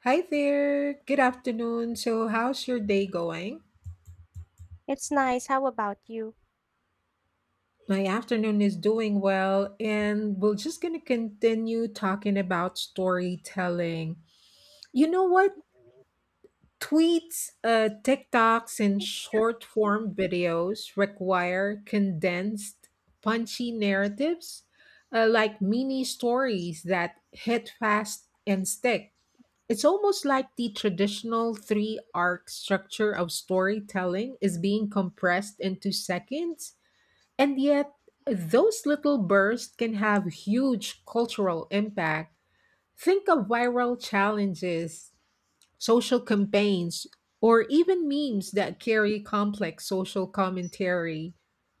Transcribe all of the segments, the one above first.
Hi there. Good afternoon. So, how's your day going? It's nice. How about you? My afternoon is doing well, and we're just going to continue talking about storytelling. You know what? Tweets, TikToks, and short form videos require condensed, punchy narratives, like mini stories that hit fast and stick. It's almost like the traditional three arc structure of storytelling is being compressed into seconds, and yet those little bursts can have huge cultural impact. Think of viral challenges, social campaigns, or even memes that carry complex social commentary.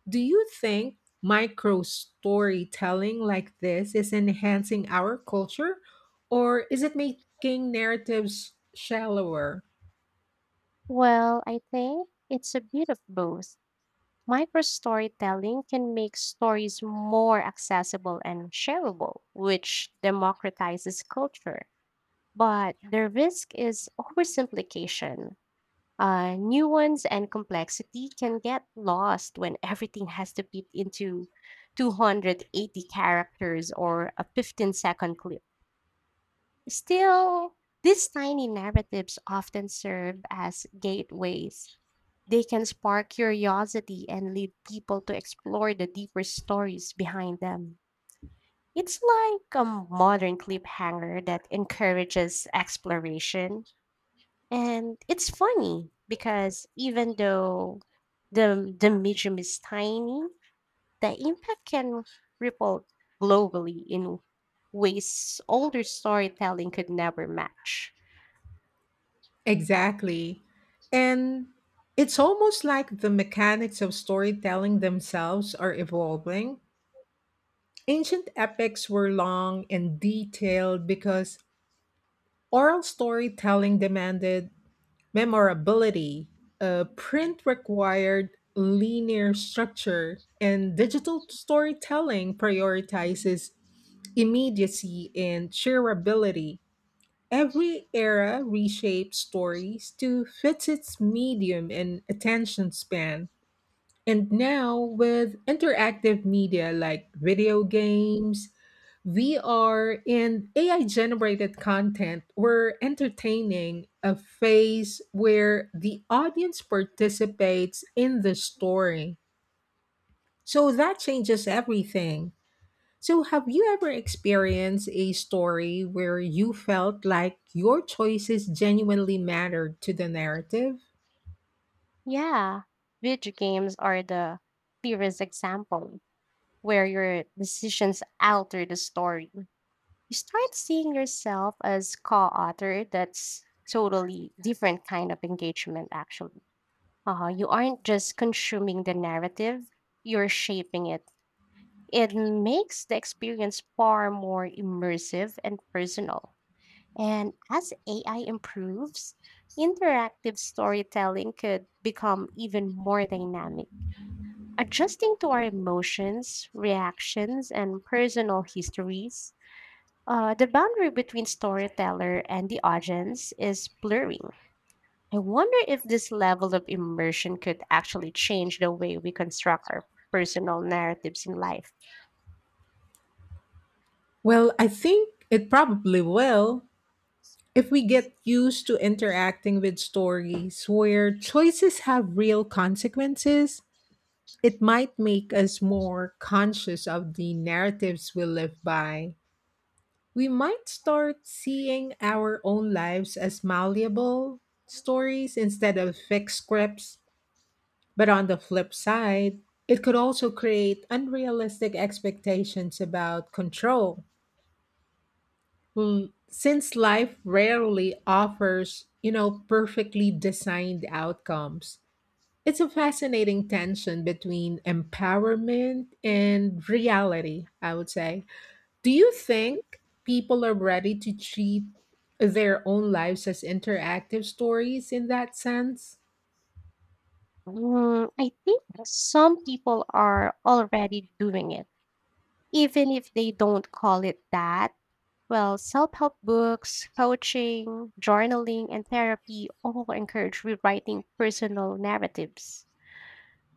Do you think micro storytelling like this is enhancing our culture, or is it making narratives shallower? Well, I think it's a bit of both. Micro storytelling can make stories more accessible and shareable, which democratizes culture. But the risk is oversimplification. Nuance and complexity can get lost when everything has to fit into 280 characters or a 15-second clip. Still, these tiny narratives often serve as gateways. They can spark curiosity and lead people to explore the deeper stories behind them. It's like a modern cliffhanger that encourages exploration. And it's funny because even though the medium is tiny, the impact can ripple globally in ways older storytelling could never match. Exactly. And it's almost like the mechanics of storytelling themselves are evolving. Ancient epics were long and detailed because oral storytelling demanded memorability. Print required linear structure, and digital storytelling prioritizes immediacy and shareability. Every era reshapes stories to fit its medium and attention span. And now, with interactive media like video games, VR, and AI generated content, we're entertaining a phase where the audience participates in the story. So that changes everything. So, have you ever experienced a story where you felt like your choices genuinely mattered to the narrative? Yeah, video games are the clearest example where your decisions alter the story. You start seeing yourself as co-author. That's totally different kind of engagement, actually. You aren't just consuming the narrative; you're shaping it. It makes the experience far more immersive and personal. And as AI improves, interactive storytelling could become even more dynamic, adjusting to our emotions, reactions, and personal histories. The boundary between storyteller and the audience is blurring. I wonder if this level of immersion could actually change the way we construct our personal narratives in life. Well, I think it probably will. If we get used to interacting with stories where choices have real consequences, it might make us more conscious of the narratives we live by. We might start seeing our own lives as malleable stories instead of fixed scripts. But on the flip side, it could also create unrealistic expectations about control. Well, since life rarely offers, you know, perfectly designed outcomes, it's a fascinating tension between empowerment and reality, I would say. Do you think people are ready to treat their own lives as interactive stories in that sense? I think some people are already doing it, even if they don't call it that. Well, self help books, coaching, journaling, and therapy all encourage rewriting personal narratives.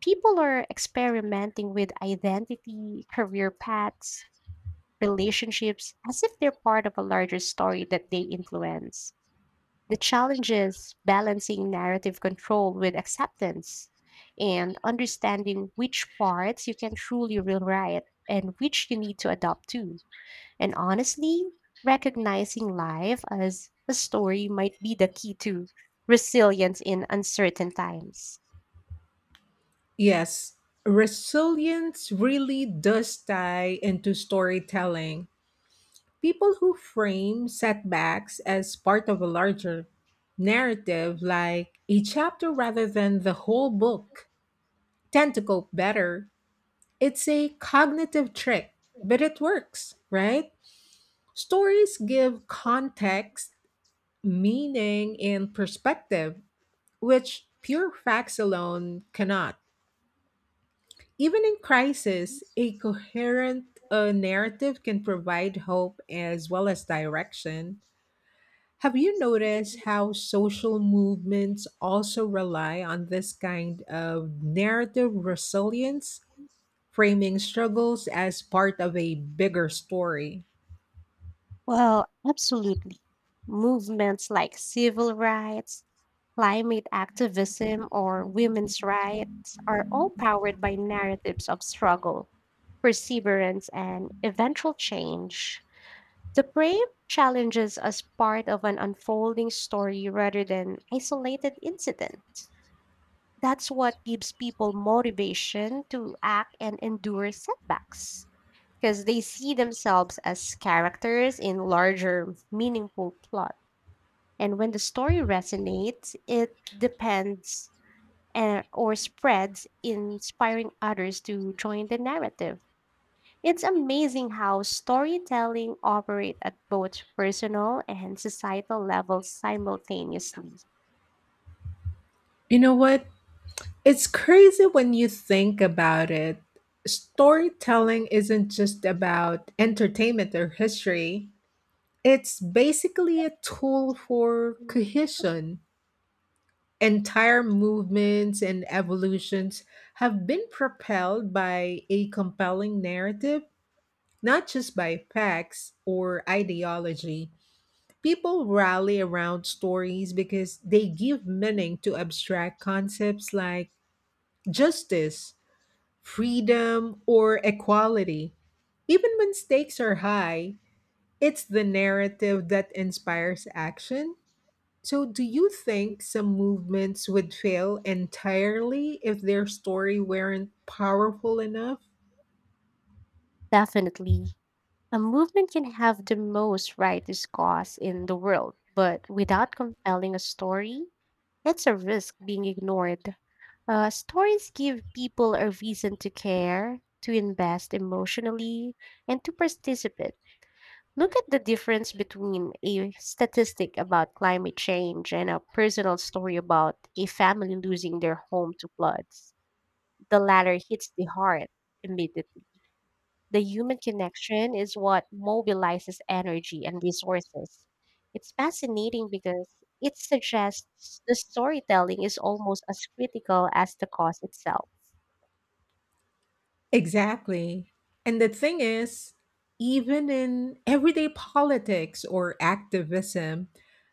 People are experimenting with identity, career paths, relationships as if they're part of a larger story that they influence. The challenge is balancing narrative control with acceptance and understanding which parts you can truly rewrite and which you need to adopt to. And honestly, recognizing life as a story might be the key to resilience in uncertain times. Yes, resilience really does tie into storytelling. People who frame setbacks as part of a larger narrative, like a chapter rather than the whole book, tend to cope better. It's a cognitive trick, but it works, right? Stories give context, meaning, and perspective, which pure facts alone cannot. Even in crisis, a coherent narrative can provide hope as well as direction. Have you noticed how social movements also rely on this kind of narrative resilience, framing struggles as part of a bigger story? Well, absolutely. Movements like civil rights, climate activism, or women's rights are all powered by narratives of struggle, perseverance, and eventual change. The brave challenges as part of an unfolding story rather than isolated incident. That's what gives people motivation to act and endure setbacks because they see themselves as characters in larger meaningful plot, and when the story resonates it depends and, or spreads inspiring others to join the narrative. It's amazing how storytelling operates at both personal and societal levels simultaneously. You know what? It's crazy when you think about it. Storytelling isn't just about entertainment or history, it's basically a tool for cohesion. Entire movements and evolutions have been propelled by a compelling narrative, not just by facts or ideology. People rally around stories because they give meaning to abstract concepts like justice, freedom, or equality. Even when stakes are high, it's the narrative that inspires action. So, do you think some movements would fail entirely if their story weren't powerful enough? Definitely. A movement can have the most righteous cause in the world, but without compelling a story, it's a risk being ignored. Stories give people a reason to care, to invest emotionally, and to participate. Look at the difference between a statistic about climate change and a personal story about a family losing their home to floods. The latter hits the heart immediately. The human connection is what mobilizes energy and resources. It's fascinating because it suggests the storytelling is almost as critical as the cause itself. Exactly. And the thing is, even in everyday politics or activism,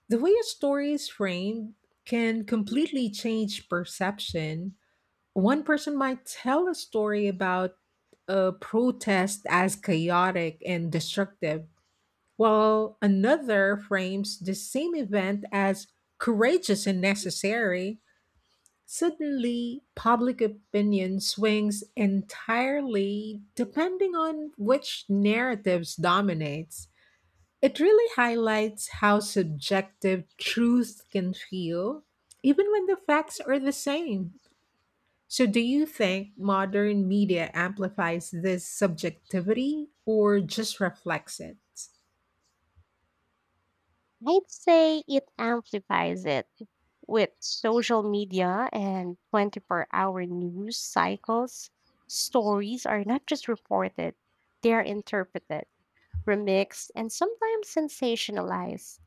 the way a story is framed can completely change perception. One person might tell a story about a protest as chaotic and destructive while another frames the same event as courageous and necessary. Suddenly public opinion swings entirely depending on which narratives dominates. It really highlights how subjective truth can feel, even when the facts are the same. So, do you think modern media amplifies this subjectivity or just reflects it? I'd say it amplifies it with social media and 24-hour news cycles. Stories are not just reported, they are interpreted, remixed, and sometimes sensationalized.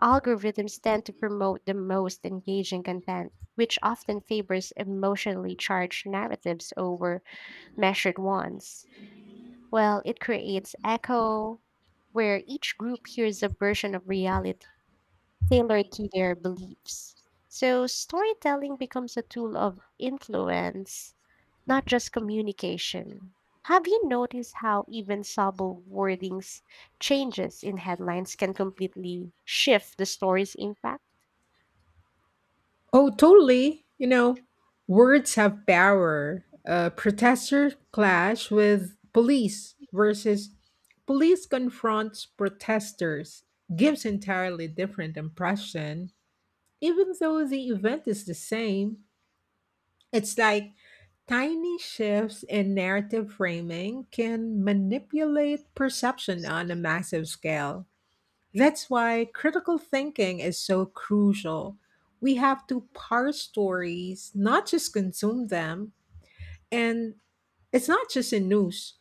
Algorithms tend to promote the most engaging content, which often favors emotionally charged narratives over measured ones. Well, it creates echo, where each group hears a version of reality tailored to their beliefs. So, storytelling becomes a tool of influence, not just communication. Have you noticed how even subtle wordings changes in headlines can completely shift the story's impact? Oh, totally. You know, words have power. Protester clash with police versus police confronts protesters gives entirely different impression. Even though the event is the same, it's like tiny shifts in narrative framing can manipulate perception on a massive scale. That's why critical thinking is so crucial. We have to parse stories, not just consume them. And it's not just in news,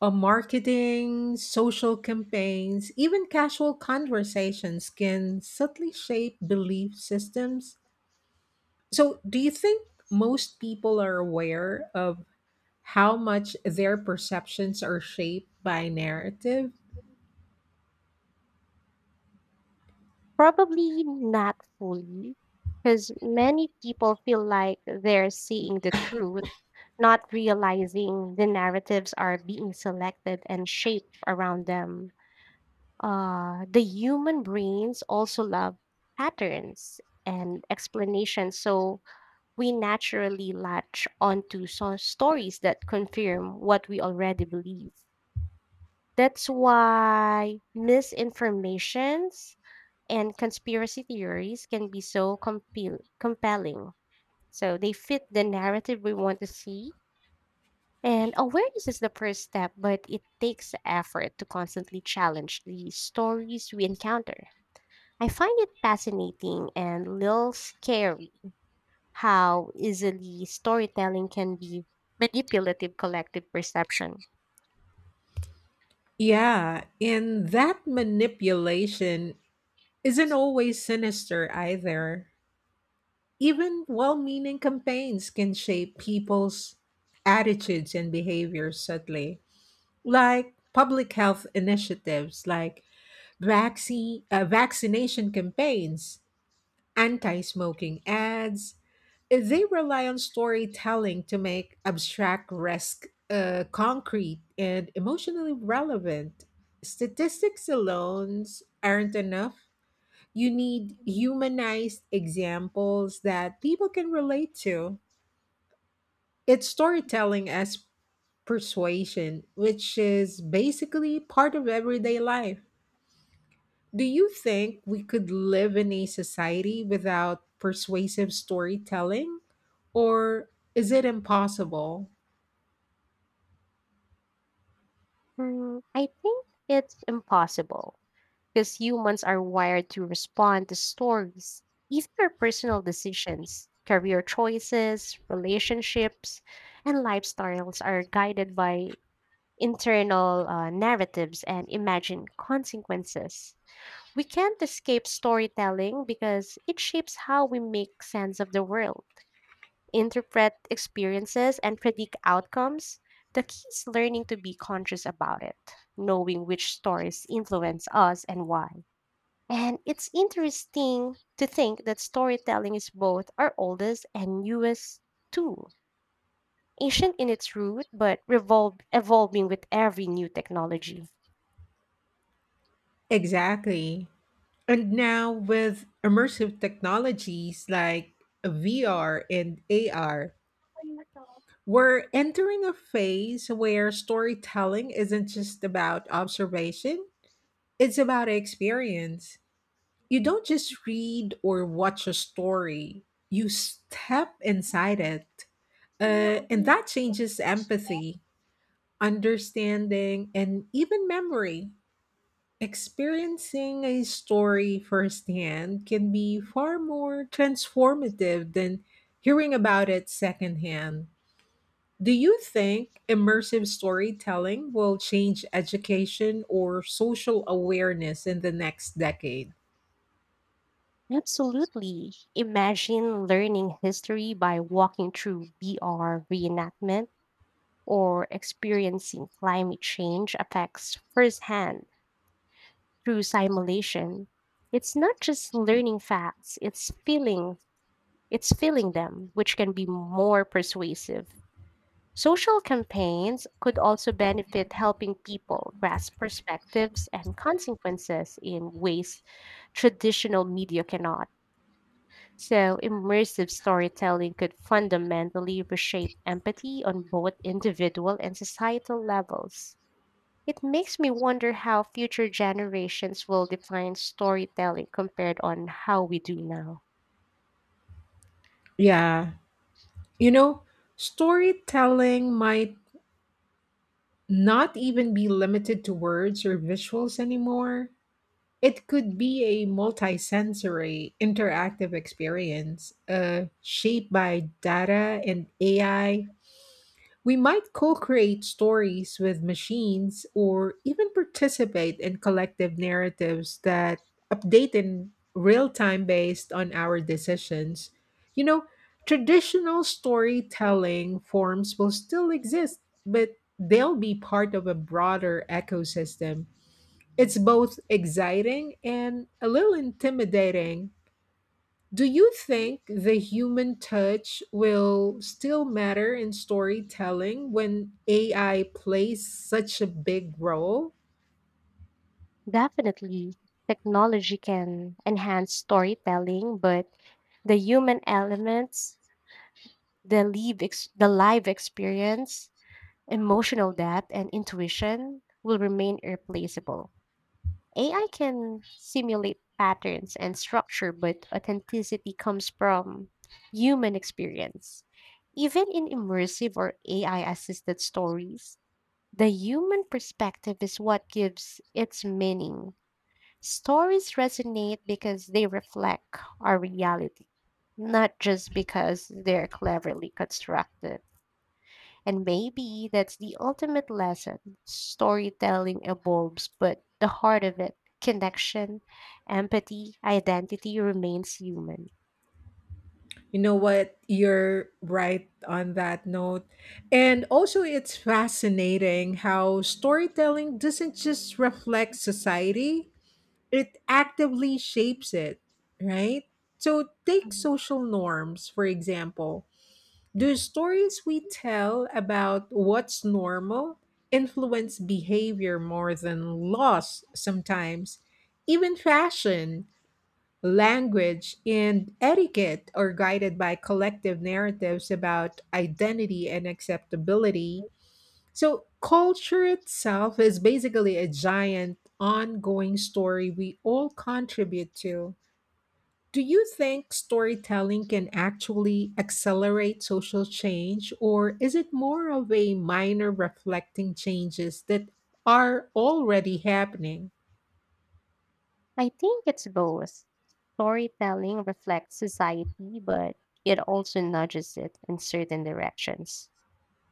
marketing, social campaigns, even casual conversations can subtly shape belief systems. So, do you think most people are aware of how much their perceptions are shaped by narrative? Probably not fully, because many people feel like they're seeing the truth, not realizing the narratives are being selected and shaped around them. The human brains also love patterns and explanations, so we naturally latch onto stories that confirm what we already believe. That's why misinformations and conspiracy theories can be so compelling. So they fit the narrative we want to see. And awareness is the first step, but it takes effort to constantly challenge the stories we encounter. I find it fascinating and a little scary how easily storytelling can be manipulative collective perception. Yeah, and that manipulation isn't always sinister either. Even well meaning campaigns can shape people's attitudes and behaviors subtly, like public health initiatives, like vaccination campaigns, anti smoking ads. They rely on storytelling to make abstract risk concrete and emotionally relevant. Statistics alone aren't enough. You need humanized examples that people can relate to. It's storytelling as persuasion, which is basically part of everyday life. Do you think we could live in a society without persuasive storytelling? Or is it impossible? I think it's impossible because humans are wired to respond to stories, even our personal decisions, career choices, relationships, and lifestyles are guided by internal narratives and imagined consequences. We can't escape storytelling because it shapes how we make sense of the world, interpret experiences, and predict outcomes. The key is learning to be conscious about it, knowing which stories influence us and why. And it's interesting to think that storytelling is both our oldest and newest tool, ancient in its root, but evolving with every new technology. Exactly. And now with immersive technologies like VR and AR, we're entering a phase where storytelling isn't just about observation, it's about experience. You don't just read or watch a story, you step inside it. And that changes empathy, understanding, and even memory. Experiencing a story firsthand can be far more transformative than hearing about it secondhand. Do you think immersive storytelling will change education or social awareness in the next decade? Absolutely. Imagine learning history by walking through VR reenactment or experiencing climate change effects firsthand through simulation. It's not just learning facts, it's feeling. It's filling them, which can be more persuasive. Social campaigns could also benefit helping people grasp perspectives and consequences in ways traditional media cannot. So, immersive storytelling could fundamentally reshape empathy on both individual and societal levels. It makes me wonder how future generations will define storytelling compared on how we do now. Yeah. You know, storytelling might not even be limited to words or visuals anymore. It could be a multisensory, interactive experience shaped by data and AI. We might co create stories with machines or even participate in collective narratives that update in real time based on our decisions. You know, traditional storytelling forms will still exist, but they'll be part of a broader ecosystem. It's both exciting and a little intimidating. Do you think the human touch will still matter in storytelling when AI plays such a big role? Definitely, technology can enhance storytelling, but the human elements, the live experience, emotional depth, and intuition will remain irreplaceable. AI can simulate patterns and structure, but authenticity comes from human experience. Even in immersive or AI assisted stories, the human perspective is what gives its meaning. Stories resonate because they reflect our reality, not just because they're cleverly constructed. And maybe that's the ultimate lesson. Storytelling evolves, but the heart of it, connection, empathy, identity remains human. You know what? You're right on that note. And also, it's fascinating how storytelling doesn't just reflect society, it actively shapes it, right? So, take Mhm. social norms, for example. Do stories we tell about what's normal influence behavior more than laws sometimes? Even fashion, language, and etiquette are guided by collective narratives about identity and acceptability. So, culture itself is basically a giant, ongoing story we all contribute to. Do you think storytelling can actually accelerate social change, or is it more of a minor reflecting changes that are already happening? I think it's both. Storytelling reflects society, but it also nudges it in certain directions.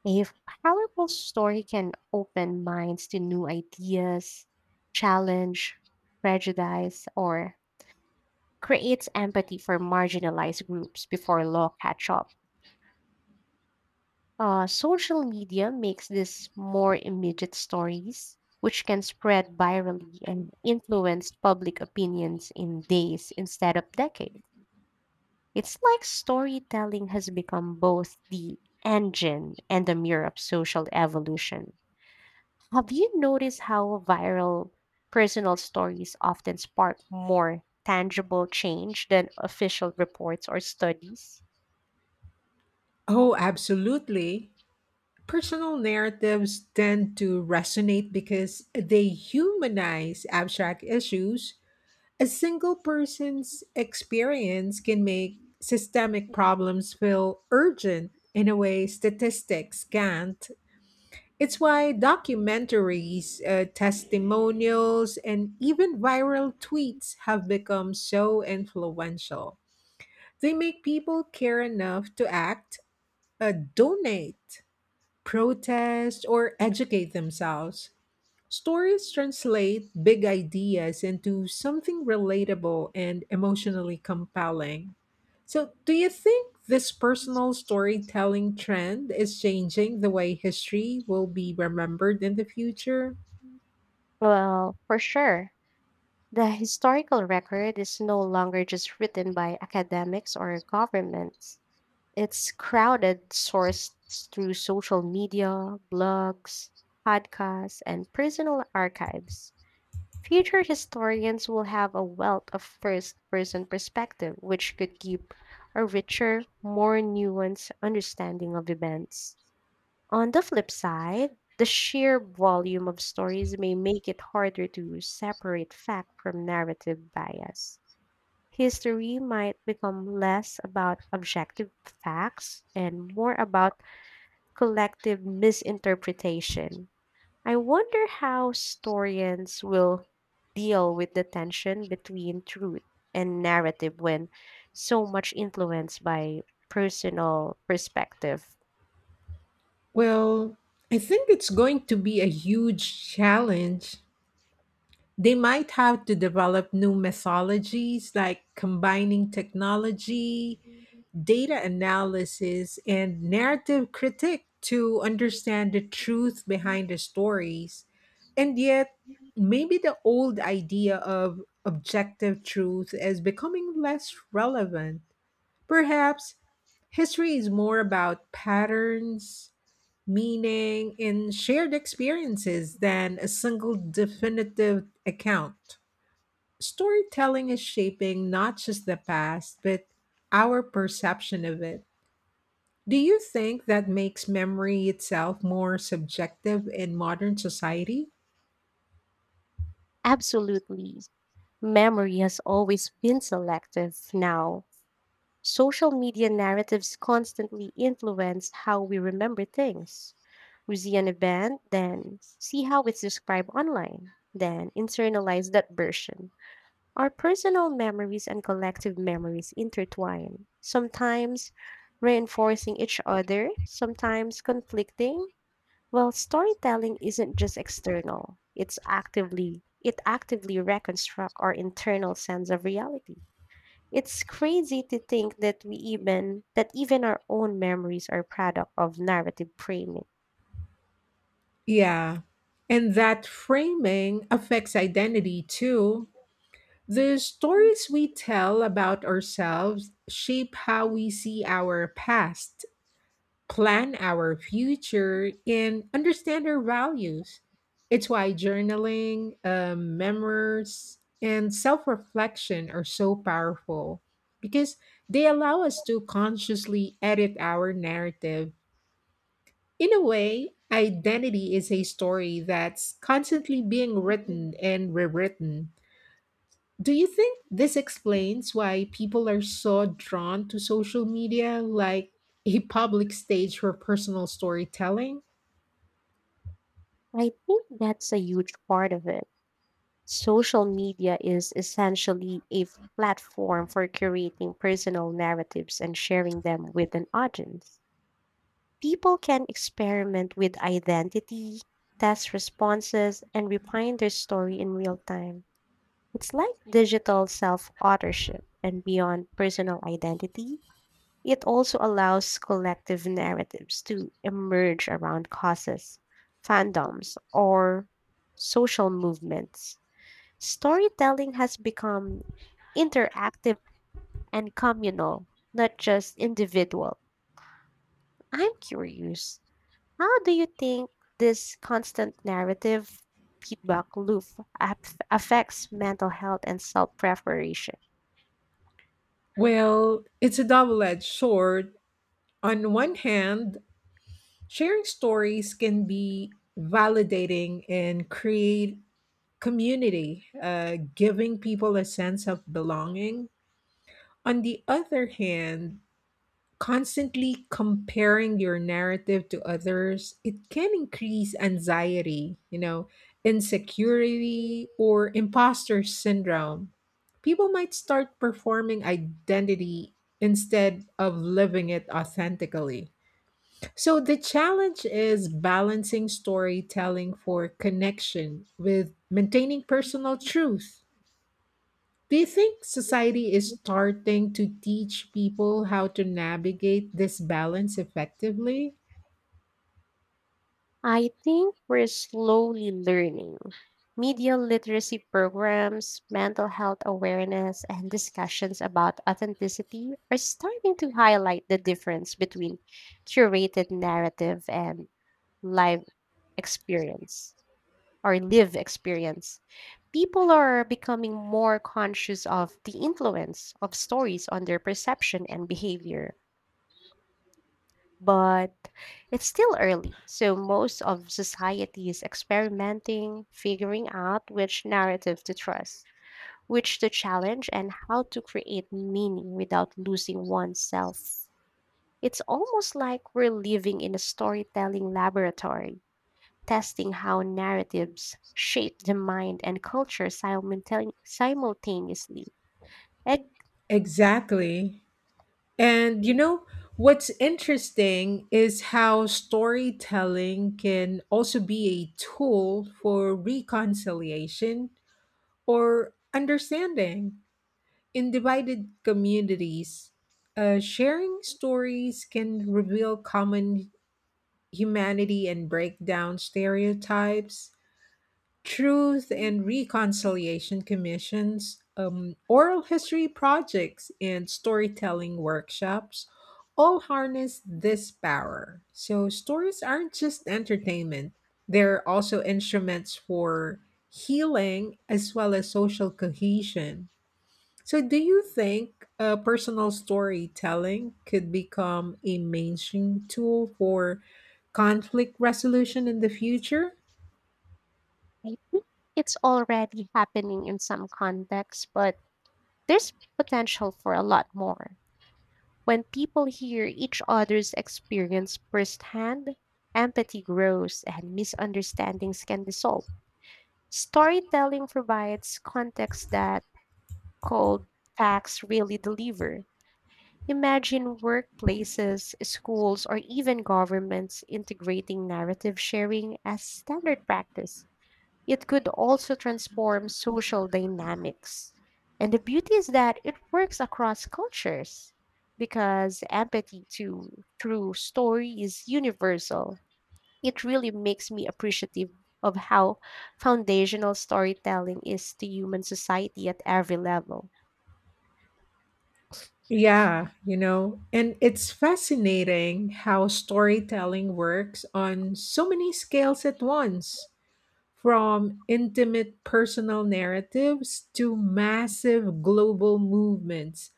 A powerful story can open minds to new ideas, challenge prejudice, or creates empathy for marginalized groups before law catch up. Social media makes this more immediate stories, which can spread virally and influence public opinions in days instead of decades. It's like storytelling has become both the engine and the mirror of social evolution. Have you noticed how viral personal stories often spark more tangible change than official reports or studies? Oh, absolutely. Personal narratives tend to resonate because they humanize abstract issues. A single person's experience can make systemic problems feel urgent in a way statistics can't. It's why documentaries, testimonials, and even viral tweets have become so influential. They make people care enough to act, donate, protest, or educate themselves. Stories translate big ideas into something relatable and emotionally compelling. So, do you think this personal storytelling trend is changing the way history will be remembered in the future? Well, for sure. The historical record is no longer just written by academics or governments. It's crowded sourced through social media, blogs, podcasts, and personal archives. Future historians will have a wealth of first person perspective, which could give a richer, more nuanced understanding of events. On the flip side, the sheer volume of stories may make it harder to separate fact from narrative bias. History might become less about objective facts and more about collective misinterpretation. I wonder how historians will deal with the tension between truth and narrative when so much influenced by personal perspective. Well, I think it's going to be a huge challenge. They might have to develop new mythologies like combining technology, data analysis, and narrative critique to understand the truth behind the stories. And yet, maybe the old idea of objective truth is becoming less relevant. Perhaps history is more about patterns, meaning, and shared experiences than a single definitive account. Storytelling is shaping not just the past, but our perception of it. Do you think that makes memory itself more subjective in modern society? Absolutely. Memory has always been selective now. Social media narratives constantly influence how we remember things. We see an event, then see how it's described online, then internalize that version. Our personal memories and collective memories intertwine, sometimes reinforcing each other, sometimes conflicting. Well, storytelling isn't just external. It actively reconstruct our internal sense of reality. It's crazy to think that we even that even our own memories are product of narrative framing. Yeah. And that framing affects identity too. The stories we tell about ourselves shape how we see our past, plan our future, and understand our values. It's why journaling, memoirs, and self reflection are so powerful because they allow us to consciously edit our narrative. In a way, identity is a story that's constantly being written and rewritten. Do you think this explains why people are so drawn to social media like a public stage for personal storytelling? I think that's a huge part of it. Social media is essentially a platform for creating personal narratives and sharing them with an audience. People can experiment with identity, test responses, and refine their story in real time. It's like digital self authorship, and beyond personal identity, it also allows collective narratives to emerge around causes, fandoms, or social movements. Storytelling has become interactive and communal, not just individual. I'm curious, how do you think this constant narrative feedback loop affects mental health and self preparation? Well, it's a double edged sword. On one hand, sharing stories can be validating and create community, giving people a sense of belonging. On the other hand, constantly comparing your narrative to others, it can increase anxiety, you know, insecurity, or imposter syndrome. People might start performing identity instead of living it authentically. So the challenge is balancing storytelling for connection with maintaining personal truth. Do you think society is starting to teach people how to navigate this balance effectively? I think we're slowly learning media literacy programs, mental health awareness, and discussions about authenticity are starting to highlight the difference between curated narrative and live experience live experience. People are becoming more conscious of the influence of stories on their perception and behavior. But it's still early, so most of society is experimenting, figuring out which narrative to trust which the challenge and how to create meaning without losing oneself. It's almost like we're living in a storytelling laboratory, testing how narratives shape the mind and culture simultaneously. And Exactly. And you know, what's interesting is how storytelling can also be a tool for reconciliation or understanding. In divided communities, sharing stories can reveal common humanity and break down stereotypes. Truth and Reconciliation Commissions, oral history projects, and storytelling workshops all harness this power. So, stories aren't just entertainment, they're also instruments for healing as well as social cohesion. So, do you think personal storytelling could become a mainstream tool for conflict resolution in the future? I think it's already happening in some contexts, but there's potential for a lot more. When people hear each other's experience firsthand, empathy grows and misunderstandings can dissolve. Storytelling provides context that cold facts really deliver. Imagine workplaces, schools, or even governments integrating narrative sharing as standard practice. It could also transform social dynamics. And the beauty is that it works across cultures because empathy to through story is universal. It really makes me appreciative of how foundational storytelling is to human society at every level. Yeah, you know, and it's fascinating how storytelling works on so many scales at once, from intimate personal narratives to massive global movements.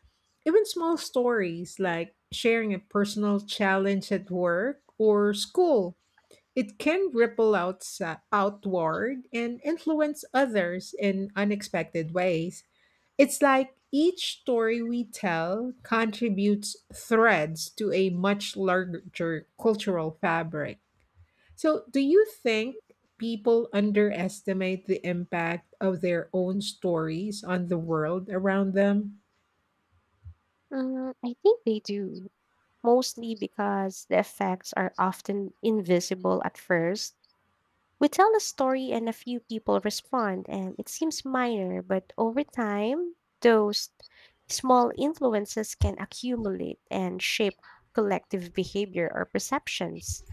Even small stories like sharing a personal challenge at work or school, it can ripple outward and influence others in unexpected ways. It's like each story we tell contributes threads to a much larger cultural fabric. So, do you think people underestimate the impact of their own stories on the world around them? I think they do, mostly because the effects are often invisible at first. We tell a story and a few people respond, and it seems minor, but over time, those small influences can accumulate and shape collective behavior or perceptions.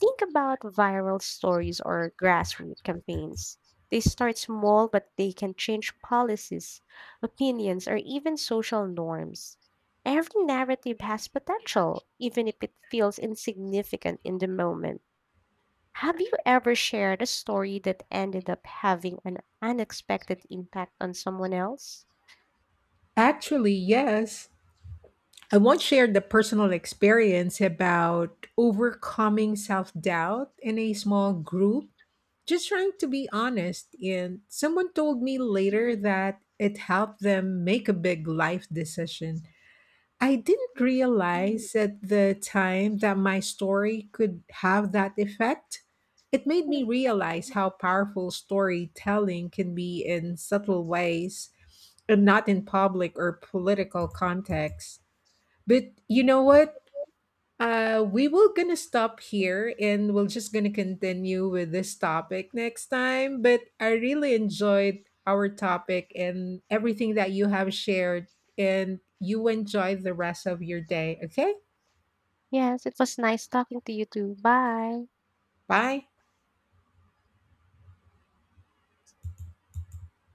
Think about viral stories or grassroots campaigns. They start small, but they can change policies, opinions, or even social norms. Every narrative has potential, even if it feels insignificant in the moment. Have you ever shared a story that ended up having an unexpected impact on someone else? Actually, yes. I once shared the personal experience about overcoming self doubt in a small group, just trying to be honest. And someone told me later that it helped them make a big life decision. I didn't realize at the time that my story could have that effect. It made me realize how powerful storytelling can be in subtle ways and not in public or political contexts. But you know what? We will gonna stop here and we're just gonna continue with this topic next time. But I really enjoyed our topic and everything that you have shared, and you enjoy the rest of your day. Okay, Yes, it was nice talking to you too. Bye. bye.